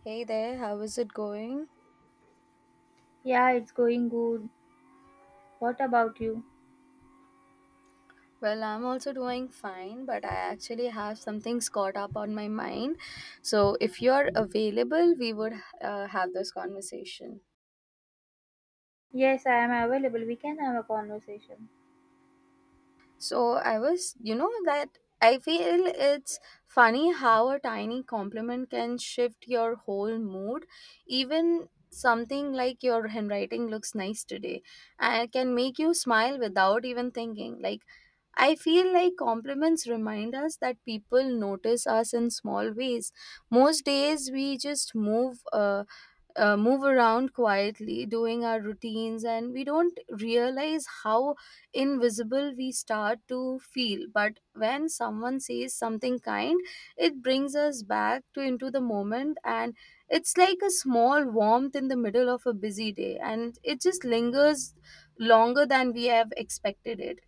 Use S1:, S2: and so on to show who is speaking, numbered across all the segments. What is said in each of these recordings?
S1: Hey there, how is it going?
S2: Yeah, it's going good. What about you?
S1: Well, I'm also doing fine, but I actually have some things caught up on my mind. So, if you're available, we would have this conversation.
S2: Yes, I am available. We can have a conversation.
S1: So I was, you know, that I feel it's funny how a tiny compliment can shift your whole mood. Even something like your handwriting looks nice today and can make you smile without even thinking. Like, I feel like compliments remind us that people notice us in small ways. Most days we just move around quietly doing our routines, and we don't realize how invisible we start to feel, but when someone says something kind it brings us back to into the moment, and it's like a small warmth in the middle of a busy day, and it just lingers longer than we have expected it.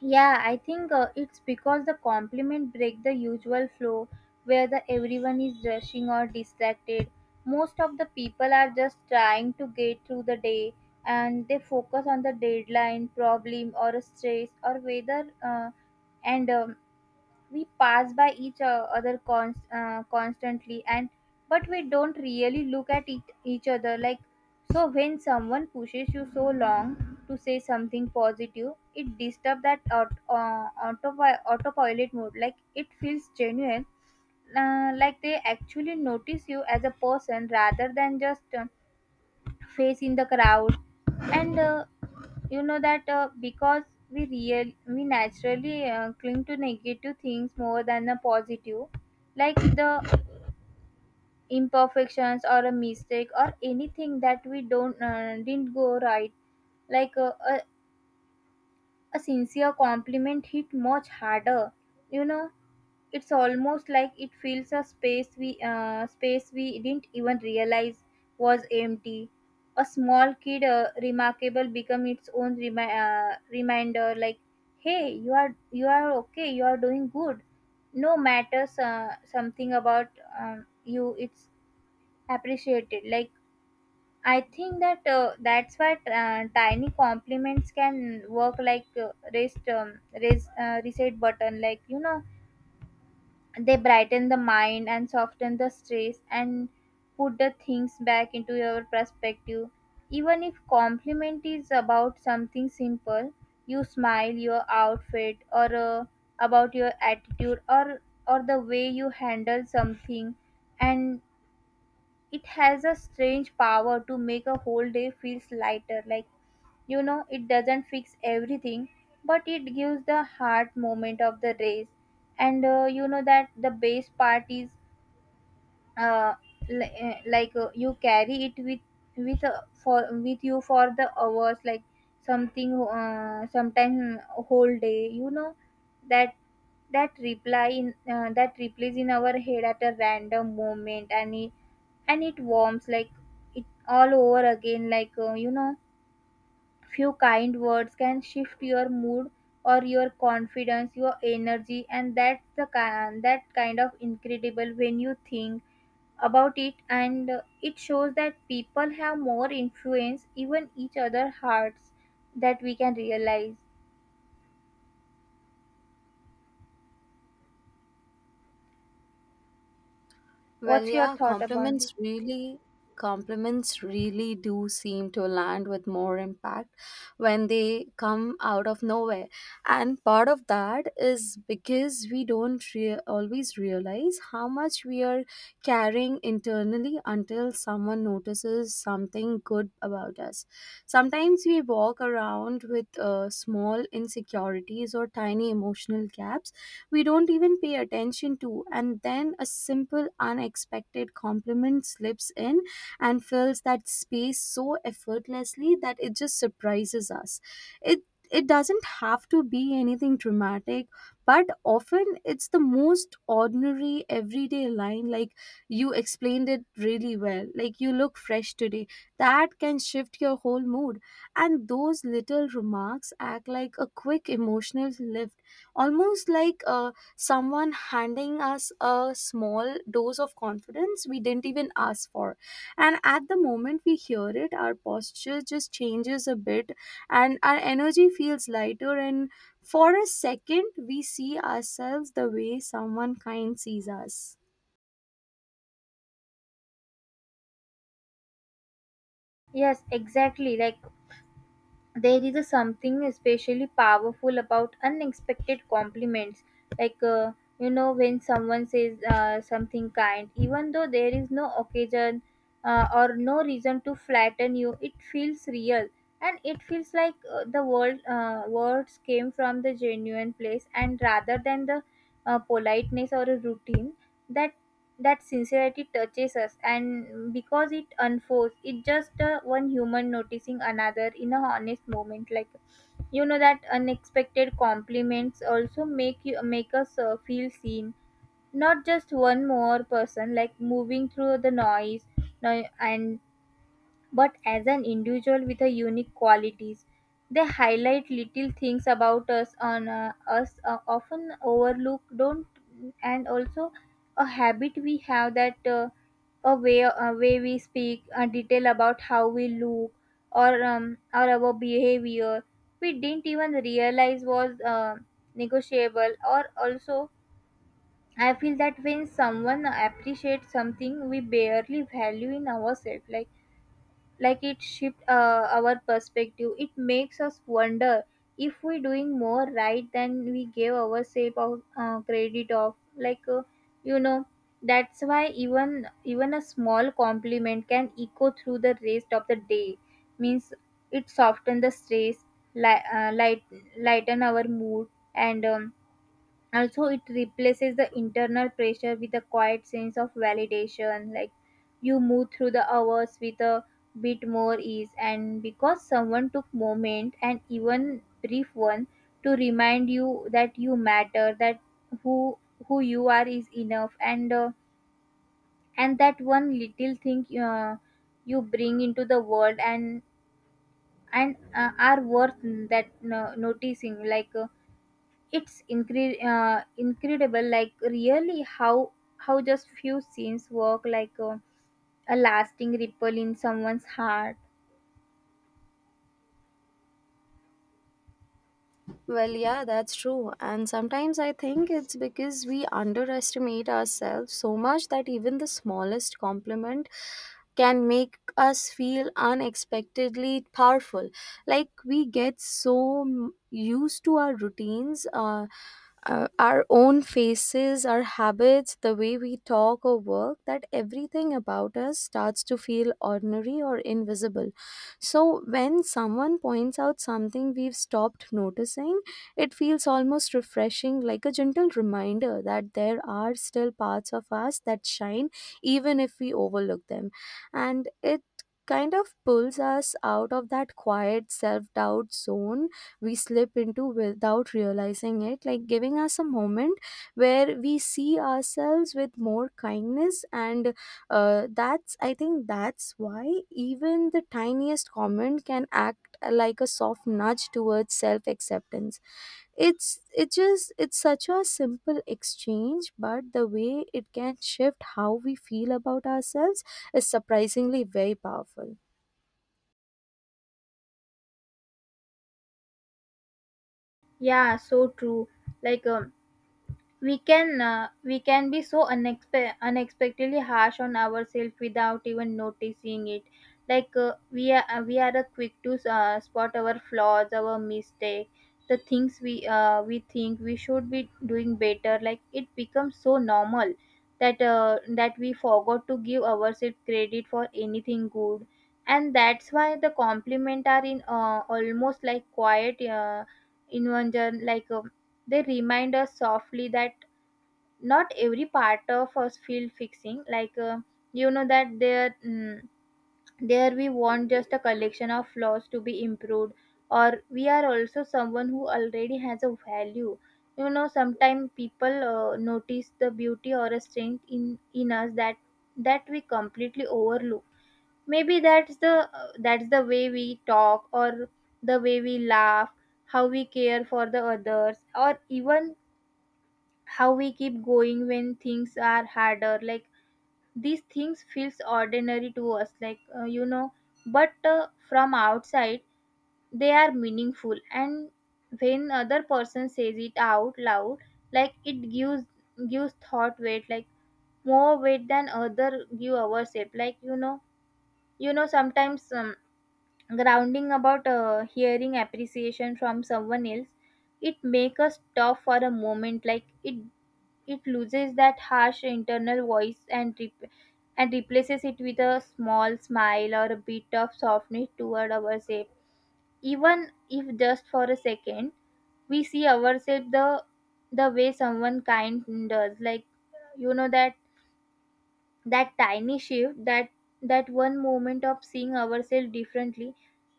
S2: Yeah, I think it's because the compliment break the usual flow where the everyone is rushing or distracted. Most of the people are just trying to get through the day and they focus on the deadline, problem or a stress or whether and we pass by each o- other cons- constantly and but we don't really look at each other, like so when someone pushes you so long to say something positive it disturbs that autopilot mode, like it feels genuine, like they actually notice you as a person rather than just face in the crowd. And you know that because we real we naturally cling to negative things more than the positive, like the imperfections or a mistake or anything that we don't didn't go right, like a sincere compliment hit much harder, you know. It's almost like it fills a space we didn't even realize was empty. A small kid, remarkable, become its own reminder. Like, hey, you are okay. You are doing good. No matters something about you. It's appreciated. Like, I think that's why tiny compliments can work like rest raise reset button, like you know, they brighten the mind and soften the stress and put the things back into your perspective, even if compliment is about something simple. You smile your outfit or about your attitude or the way you handle something, and it has a strange power to make a whole day feels lighter. Like, you know, it doesn't fix everything, but it gives the heart moment of the race. And You know that the best part is uh, you carry it with for with you for the hours, like something sometime whole day. You know that that reply in that replays in our head at a random moment, and it warms like it all over again, like you know, few kind words can shift your mood or your confidence, your energy, and that kind of incredible when you think about it. And It shows that people have more influence, even each other hearts, that we can realize.
S1: Well,
S2: What's your
S1: yeah,
S2: thought about it?
S1: compliments really do seem to land with more impact when they come out of nowhere. And part of that is because we don't always realize how much we are carrying internally until someone notices something good about us. Sometimes we walk around with small insecurities or tiny emotional gaps we don't even pay attention to. And then a simple, unexpected compliment slips in and fills that space so effortlessly that it just surprises us. It it doesn't have to be anything dramatic, but often it's the most ordinary everyday line, like you explained it really well, like you look fresh today, that can shift your whole mood. And those little remarks act like a quick emotional lift, almost like someone handing us a small dose of confidence we didn't even ask for, and at the moment we hear it our posture just changes a bit and our energy feels lighter, and for a second we see ourselves the way someone kind sees us.
S2: Yes, exactly. Like there is a something especially powerful about unexpected compliments, like you know, when someone says something kind even though there is no occasion, or no reason to flatten you, it feels real and it feels like the world words came from the genuine place and rather than the politeness or a routine. That that sincerity touches us and because it unfolds, it just one human noticing another in a honest moment, like you know, that unexpected compliments also make you make us feel seen, not just one more person like moving through the noise, no, and but as an individual with a unique qualities. They highlight little things about us on us often overlook don't, and also a habit we have that a way a way we speak, a detail about how we look, or our behavior we didn't even realize was negotiable. Or also, I feel that when someone appreciates something we barely value in ourselves, like it shift our perspective, it makes us wonder if we're doing more right than we gave ourselves of credit of like you know. That's why even a small compliment can echo through the rest of the day, means it softens the stress, li- uh, light lighten our mood, and also it replaces the internal pressure with a quiet sense of validation. Like, you move through the hours with a bit more ease, and because someone took moment and even brief one to remind you that you matter, that who who you are is enough, and that one little thing you bring into the world, and are worth that noticing. Like incredible, like really how just few scenes work like a lasting ripple in someone's heart.
S1: Well, yeah, that's true. And sometimes I think it's because we underestimate ourselves so much that even the smallest compliment can make us feel unexpectedly powerful. Like, we get so used to our routines, our own faces, our habits, the way we talk or work, that everything about us starts to feel ordinary or invisible. So when someone points out something we've stopped noticing, it feels almost refreshing, like a gentle reminder that there are still parts of us that shine even if we overlook them. And it kind of pulls us out of that quiet self-doubt zone we slip into without realizing it, like giving us a moment where we see ourselves with more kindness. And that's I think that's why even the tiniest comment can act like a soft nudge towards self acceptance. It's it just it's such a simple exchange, but the way it can shift how we feel about ourselves is surprisingly very powerful.
S2: Yeah, so true. Like we can be so unexpectedly harsh on ourselves without even noticing it. Like we are quick to spot our flaws, our mistake, the things we think we should be doing better. Like, it becomes so normal that we forgot to give ourselves credit for anything good. And that's why the compliment are in almost like quiet invention. Like they remind us softly that not every part of us feel fixing. Like you know that there we want just a collection of flaws to be improved, or we are also someone who already has a value. You know, sometimes people notice the beauty or a strength in us that that we completely overlook, maybe that's the way we talk, or the way we laugh, how we care for the others, or even how we keep going when things are harder. Like, these things feels ordinary to us, like you know, but from outside they are meaningful, and when other person says it out loud, like it gives gives thought weight, like more weight than other give ourselves, like you know. You know, sometimes grounding about hearing appreciation from someone else, it make us stop for a moment. Like, it loses that harsh internal voice and and replaces it with a small smile or a bit of softness toward ourselves. Even if just for a second, we see ourselves the way someone kind does. Like, you know that that tiny shift, that that one moment of seeing ourselves differently,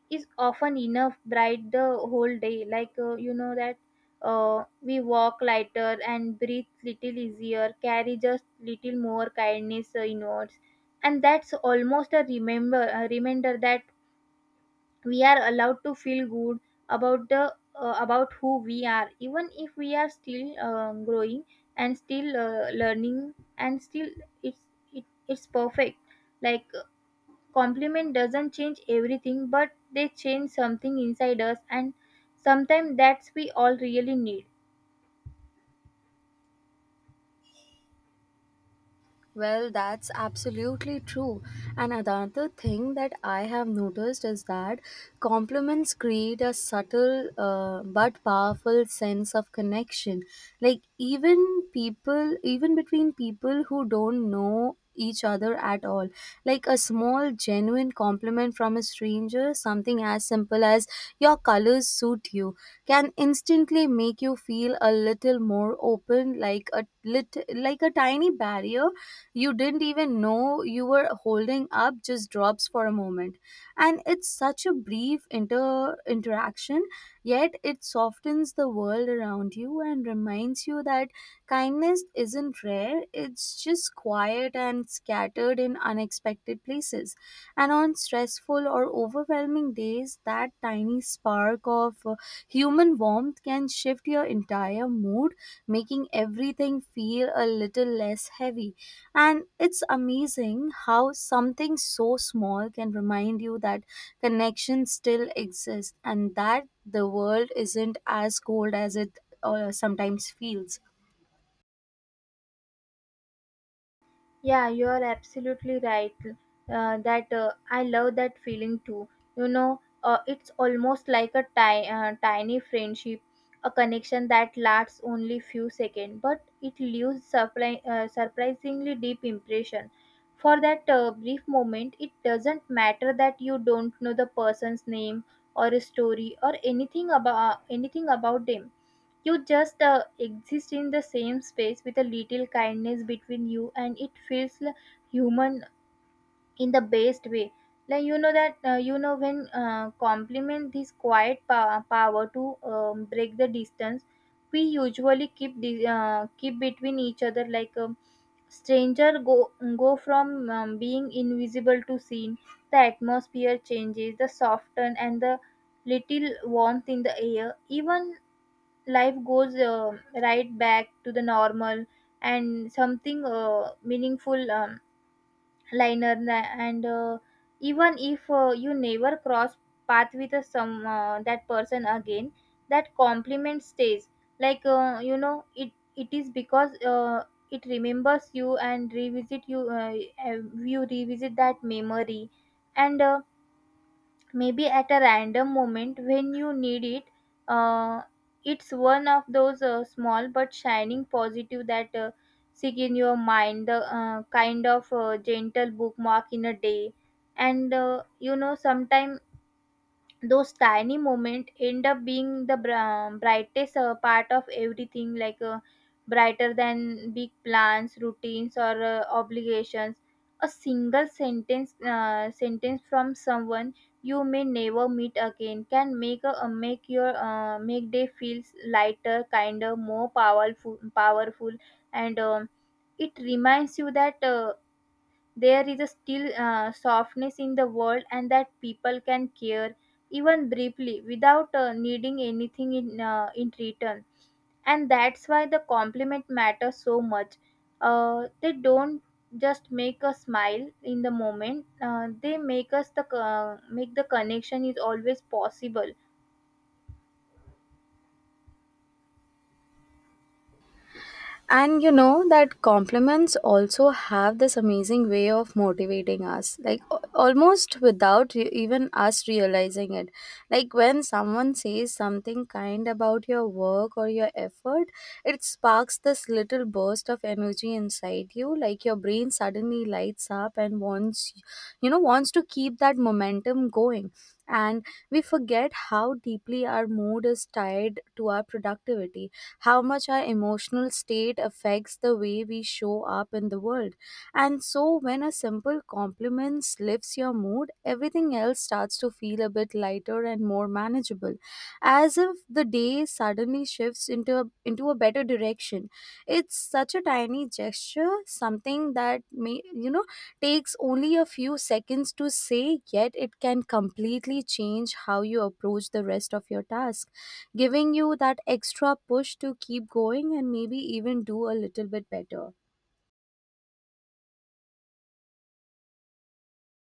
S2: is often enough bright the whole day. Like you know that we walk lighter and breathe little easier, carry just little more kindness inwards, and that's almost a remember a reminder that we are allowed to feel good about the about who we are, even if we are still growing, and still learning, and still it's it's perfect. Like compliment doesn't change everything, but they change something inside us, and sometimes that's we all really need.
S1: Well, that's absolutely true. And another thing that I have noticed is that compliments create a subtle but powerful sense of connection. Like, even people, even between people who don't know each other at all, like a small, genuine compliment from a stranger, something as simple as your colors suit you, can instantly make you feel a little more open, like a like a tiny barrier you didn't even know you were holding up just drops for a moment. And it's such a brief interaction, yet it softens the world around you and reminds you that kindness isn't rare, it's just quiet and scattered in unexpected places. And on stressful or overwhelming days, that tiny spark of human warmth can shift your entire mood, making everything feel a little less heavy. And it's amazing how something so small can remind you that connection still exists, and that the world isn't as cold as it sometimes feels.
S2: Yeah, you're absolutely right. That I love that feeling too. You know, it's almost like a tiny friendship, a connection that lasts only few seconds, but it leaves surprisingly deep impression. For that brief moment, it doesn't matter that you don't know the person's name or story or anything about them. You just exist in the same space with a little kindness between you, and it feels human in the best way. Like, you know that you know when compliment this quiet power to break the distance we usually keep between each other. Like a stranger go go from being invisible to seen. The atmosphere changes, the soften and the little warmth in the air. Even life goes right back to the normal, and something meaningful, liner na- and even if you never cross path with a, some that person again, that compliment stays. Like you know, it is because it remembers you and revisit you, uh, you revisit that memory, and maybe at a random moment when you need it. uh, it's one of those small but shining positive that stick in your mind, the kind of gentle bookmark in a day. And You know, sometimes those tiny moments end up being the brightest part of everything, like brighter than big plans routines or obligations. A single sentence from someone you may never meet again can make a, make your make day feels lighter, kinder, more powerful, and it reminds you that there is a still softness in the world, and that people can care even briefly without needing anything in return. And that's why the compliment matters so much. They don't just make us smile in the moment. They make us make the connection is always possible.
S1: And you know that compliments also have this amazing way of motivating us, like almost without even us realizing it. Like, when someone says something kind about your work or your effort, it sparks this little burst of energy inside you, like your brain suddenly lights up and wants, you know, wants to keep that momentum going. And we forget how deeply our mood is tied to our productivity, how much our emotional state affects the way we show up in the world. And so, when a simple compliment lifts your mood, everything else starts to feel a bit lighter and more manageable, as if the day suddenly shifts into into a better direction. It's such a tiny gesture, something that, may you know, takes only a few seconds to say, yet it can completely change how you approach the rest of your task, giving you that extra push to keep going and maybe even do a little bit better.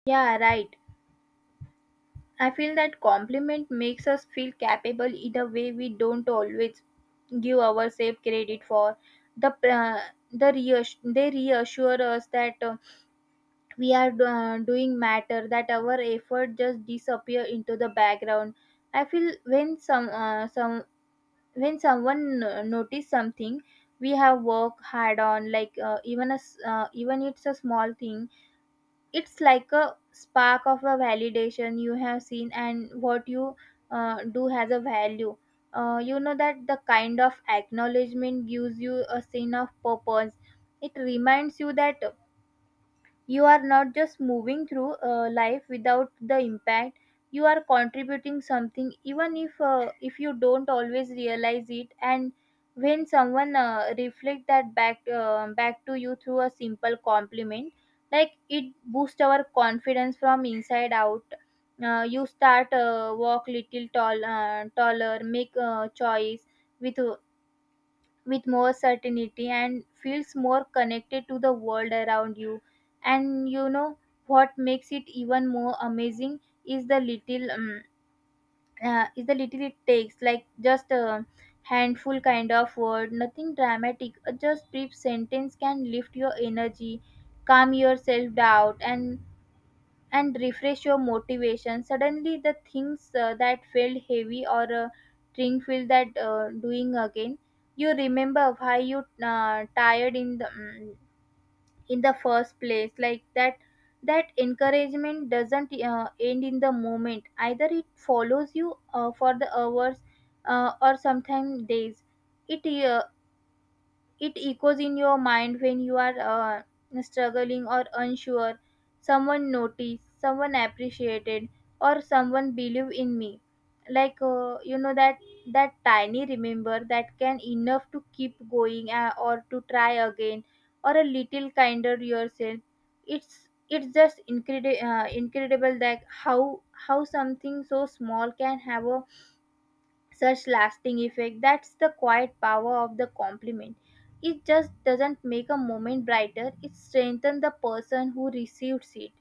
S2: Yeah, right. I feel that compliment makes us feel capable in a way we don't always give ourselves credit for. The uh, they reassure us that we are doing matter, that our effort just disappear into the background. I feel when some when someone notice something we have worked hard on, like even it's a small thing. It's like a spark of a validation you have seen, and what you do has a value. You know that the kind of acknowledgement gives you a sense of purpose. It reminds you that you are not just moving through life without the impact. You are contributing something, even if you don't always realize it. And when someone reflect that back back to you through a simple compliment, like, it boosts our confidence from inside out. You start walk little tall taller, make choice with with more certainty, and feels more connected to the world around you. And you know what makes it even more amazing is the little um, is the little it takes, like just a handful kind of word, nothing dramatic, a just brief sentence can lift your energy, calm your self doubt, and refresh your motivation. Suddenly the things that felt heavy or thing feel that doing again, you remember why you tired in in the first place. Like that, that encouragement doesn't end in the moment either. It follows you for the hours, or sometimes days. it uh, it echoes in your mind when you are struggling or unsure. Someone noticed, someone appreciated, or someone believed in me. Like, that that tiny remember that can enough to keep going, or to try again, or a little kinder yourself. It's just incredible, that how something so small can have a such lasting effect. That's the quiet power of the compliment. It just doesn't make a moment brighter, it strengthens the person who receives it.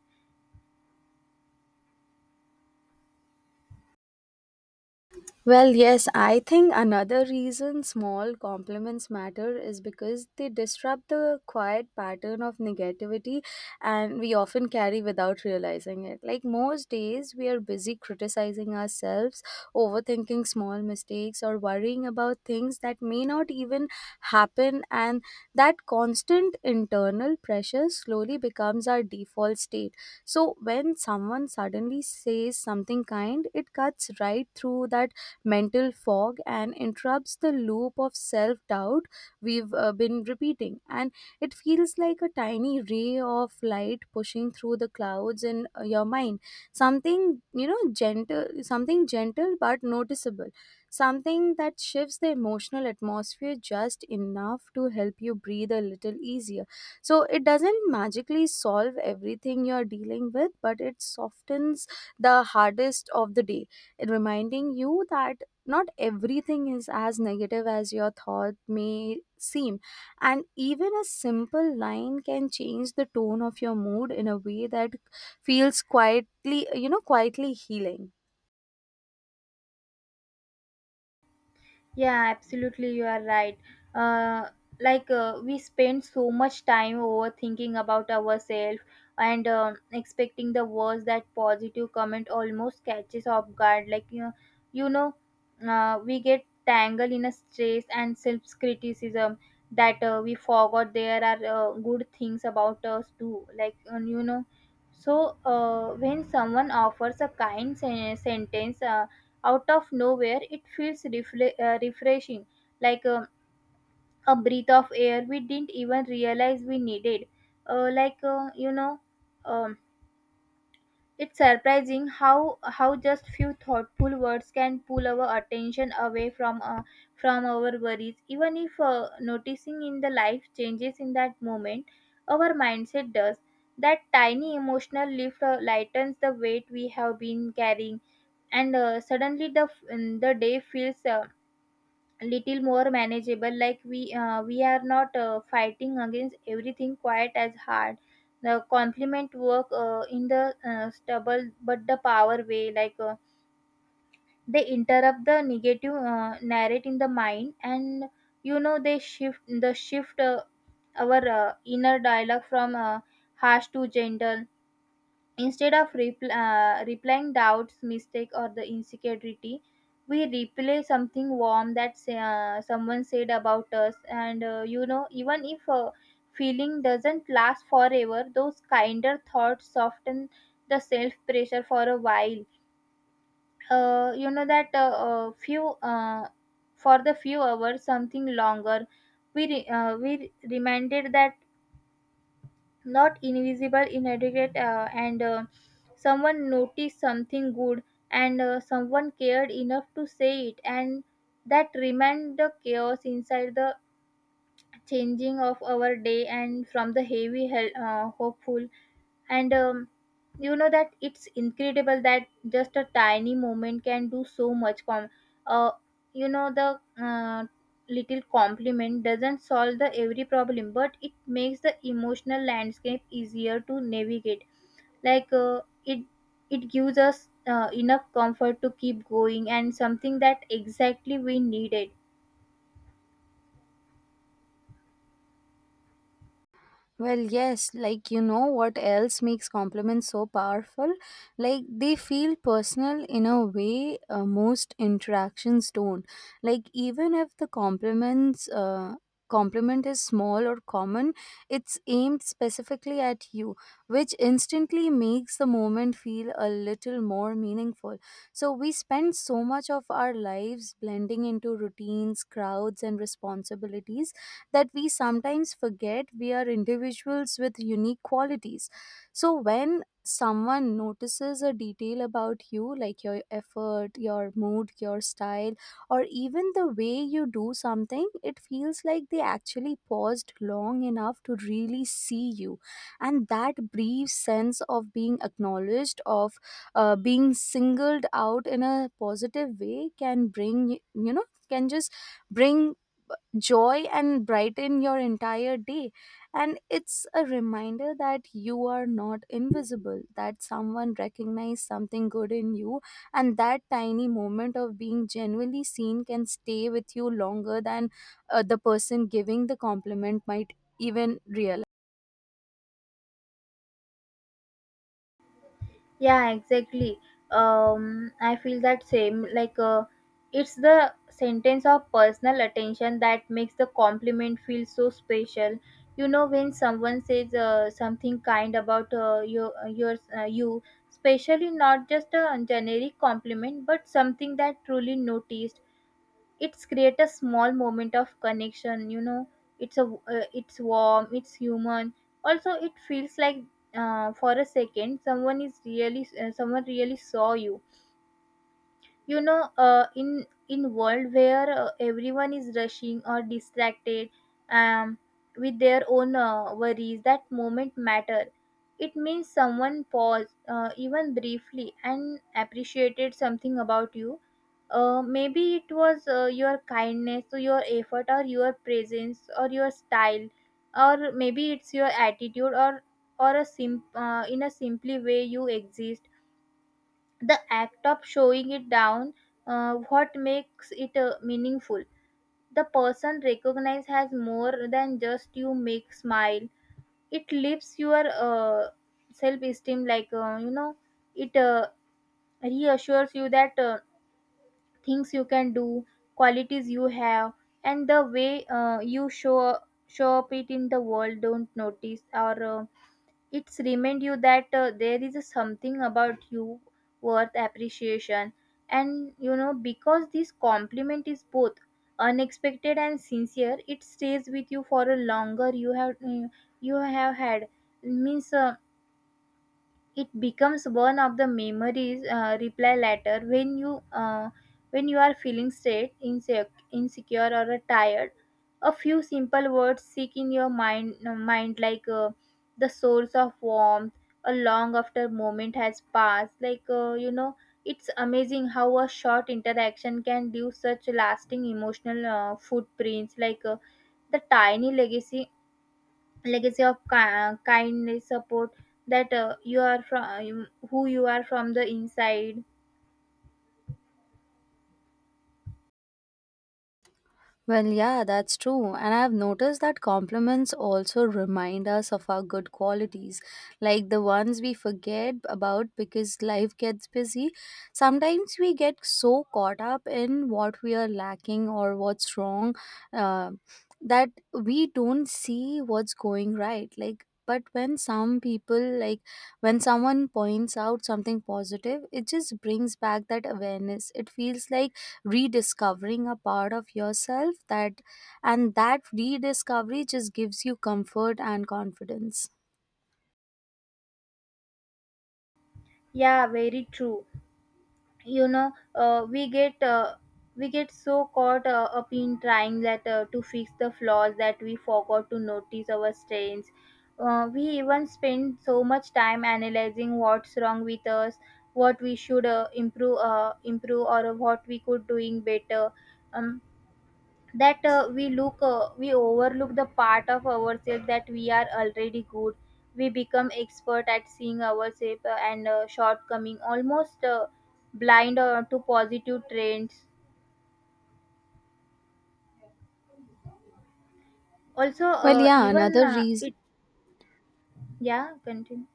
S1: Well, yes, I think another reason small compliments matter is because they disrupt the quiet pattern of negativity, and we often carry without realizing it. Like, most days we are busy criticizing ourselves, overthinking small mistakes, or worrying about things that may not even happen, and that constant internal pressure slowly becomes our default state. So when someone suddenly says something kind, it cuts right through that mental fog and interrupts the loop of self doubt we've been repeating. And it feels like a tiny ray of light pushing through the clouds in your mind. Something, you know, gentle, something gentle but noticeable. Something that shifts the emotional atmosphere just enough to help you breathe a little easier. So it doesn't magically solve everything you're dealing with, but it softens the hardest of the day, reminding you that not everything is as negative as your thought may seem. And even a simple line can change the tone of your mood in a way that feels quietly, you know, quietly healing.
S2: Yeah, absolutely, you are right. Uh, we spend so much time overthinking about ourselves and expecting the worst, that positive comment almost catches off guard. Like you know, we get tangled in a stress and self-criticism that we forgot there are good things about us too. When someone offers a kind sen- sentence. Out of nowhere it feels refreshing, like um, a breath of air we didn't even realize we needed. uh, like uh, you know um, it's surprising how just few thoughtful words can pull our attention away from our worries. Even if noticing in the life changes in that moment, our mindset does. That tiny emotional lift lightens the weight we have been carrying, and suddenly the day feels little more manageable. Like we are not fighting against everything quite as hard. The complement work in the stubble but the power way. Like they interrupt the negative narrate in the mind, and you know they shift the shift our inner dialogue from harsh to gentle. Instead of replying doubts, mistake, or the insecurity, we replay something warm that someone said about us. And you know, even if a feeling doesn't last forever, those kinder thoughts soften the self pressure for a while. You know that few For the few hours, something longer. We reminded that not invisible inadequate and someone noticed something good, and someone cared enough to say it, and that remained the chaos inside, the changing of our day and from the heavy hopeful. And um, you know that it's incredible that just a tiny moment can do so much com- uh, you know the little compliment doesn't solve the every problem, but it makes the emotional landscape easier to navigate. Like uh, it it gives us enough comfort to keep going, and something that exactly we needed.
S1: Well, yes, like, you know what else makes compliments so powerful? Like, they feel personal in a way most interactions don't. Like, even if the compliment is small or common, it's aimed specifically at you, which instantly makes the moment feel a little more meaningful. So we spend so much of our lives blending into routines, crowds and responsibilities that we sometimes forget we are individuals with unique qualities. So when someone notices a detail about you, like your effort, your mood, your style, or even the way you do something, it feels like they actually paused long enough to really see you. And that brief sense of being acknowledged, of being singled out in a positive way, can bring, you know, can just bring joy and brighten your entire day. And it's a reminder that you are not invisible, that someone recognized something good in you, and that tiny moment of being genuinely seen can stay with you longer than the person giving the compliment might even realize.
S2: Yeah, exactly. I feel that same. It's the sentence of personal attention that makes the compliment feel so special. You know, when someone says something kind about you, especially not just a generic compliment, but something that truly noticed, it's create a small moment of connection. You know, it's warm, it's human. Also it feels like for a second someone really saw you. You know, in world where everyone is rushing or distracted, um, with their own worries, that moment matter. It means someone paused, even briefly, and appreciated something about you. Maybe it was your kindness, or your effort, or your presence, or your style, or maybe it's your attitude, or a sim in a simply way you exist. The act of showing it down, what makes it meaningful. The person recognized has more than just you make smile. It lifts your self esteem. Like you know it Reassures you that things you can do, qualities you have, and the way you show up it in the world don't notice. Or It's remind you that there is a something about you worth appreciation. And you know, because this compliment is both unexpected and sincere, it stays with you for a longer. You have had means, it becomes one of the memories reply later when you are feeling sad, insecure, or tired. A few simple words seek in your mind, like the source of warmth a long after moment has passed. Like, it's amazing how a short interaction can leave such lasting emotional footprints. The tiny legacy, legacy of kindness support that you are from who you are from the inside.
S1: Well, yeah, that's true. And I've noticed that compliments also remind us of our good qualities, like the ones we forget about because life gets busy. Sometimes we get so caught up in what we are lacking or what's wrong uh, that we don't see what's going right. Like, but when some people, like, when someone points out something positive, it just brings back that awareness. It feels like rediscovering a part of yourself that, and that rediscovery just gives you comfort and confidence.
S2: Yeah, very true. You know, we get so caught up in trying that to fix the flaws that we forgot to notice our strengths. We even spend so much time analyzing what's wrong with us, what we should improve, or what we could doing better. um, that we overlook the part of ourselves that we are already good. We become expert at seeing ourselves and shortcoming, almost blind to positive trends. Also
S1: well yeah
S2: even
S1: another reason
S2: It. Yeah, continue.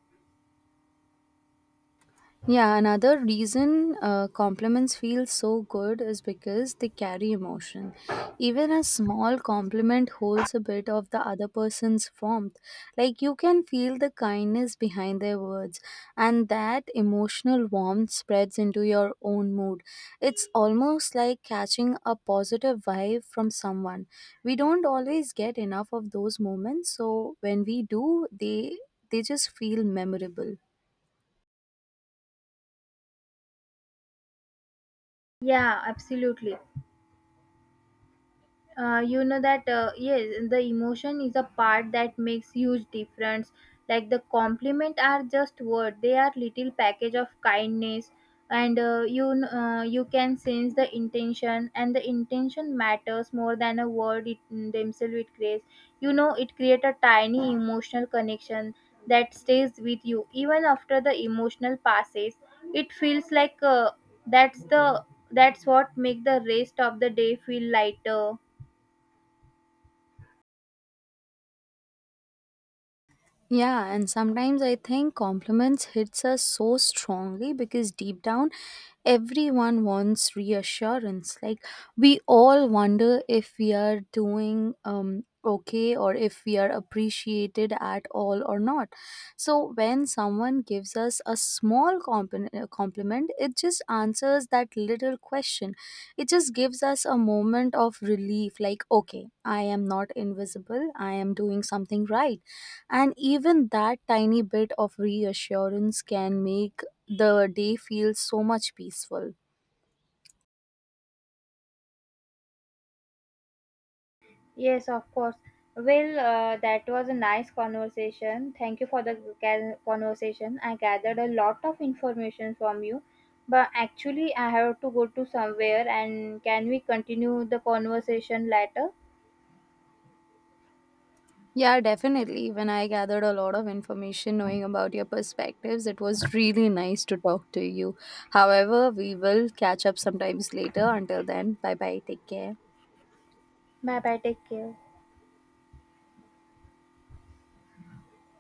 S1: Yeah, another reason compliments feel so good is because they carry emotion. Even a small compliment holds a bit of the other person's warmth. Like, you can feel the kindness behind their words, and that emotional warmth spreads into your own mood. It's almost like catching a positive vibe from someone. We don't always get enough of those moments, so when we do, they just feel memorable.
S2: Yeah, absolutely. You know that Yes, the emotion is a part that makes huge difference. Like, the compliment are just word, they are little package of kindness. And you can sense the intention, and the intention matters more than a word it, themselves. It creates, you know, it create a tiny emotional connection that stays with you even after the emotional passes. It feels like, that's the, that's what make the rest of the day feel lighter.
S1: Yeah, and sometimes I think compliments hits us so strongly because deep down everyone wants reassurance. Like, we all wonder if we are doing okay, or if we are appreciated at all or not. So when someone gives us a small compliment, it just answers that little question. It just gives us a moment of relief, like, okay, I am not invisible, I am doing something right. And even that tiny bit of reassurance can make the day feel so much peaceful.
S2: Yes, of course. Well, that was a nice conversation. Thank you for the conversation. I gathered a lot of information from you, but actually, I have to go to somewhere. And can we continue the conversation later?
S1: Yeah, definitely. When I gathered a lot of information knowing about your perspectives, it was really nice to talk to you. However, we will catch up sometimes later. Until then, bye bye. Take care.
S2: Bye bye. Take care.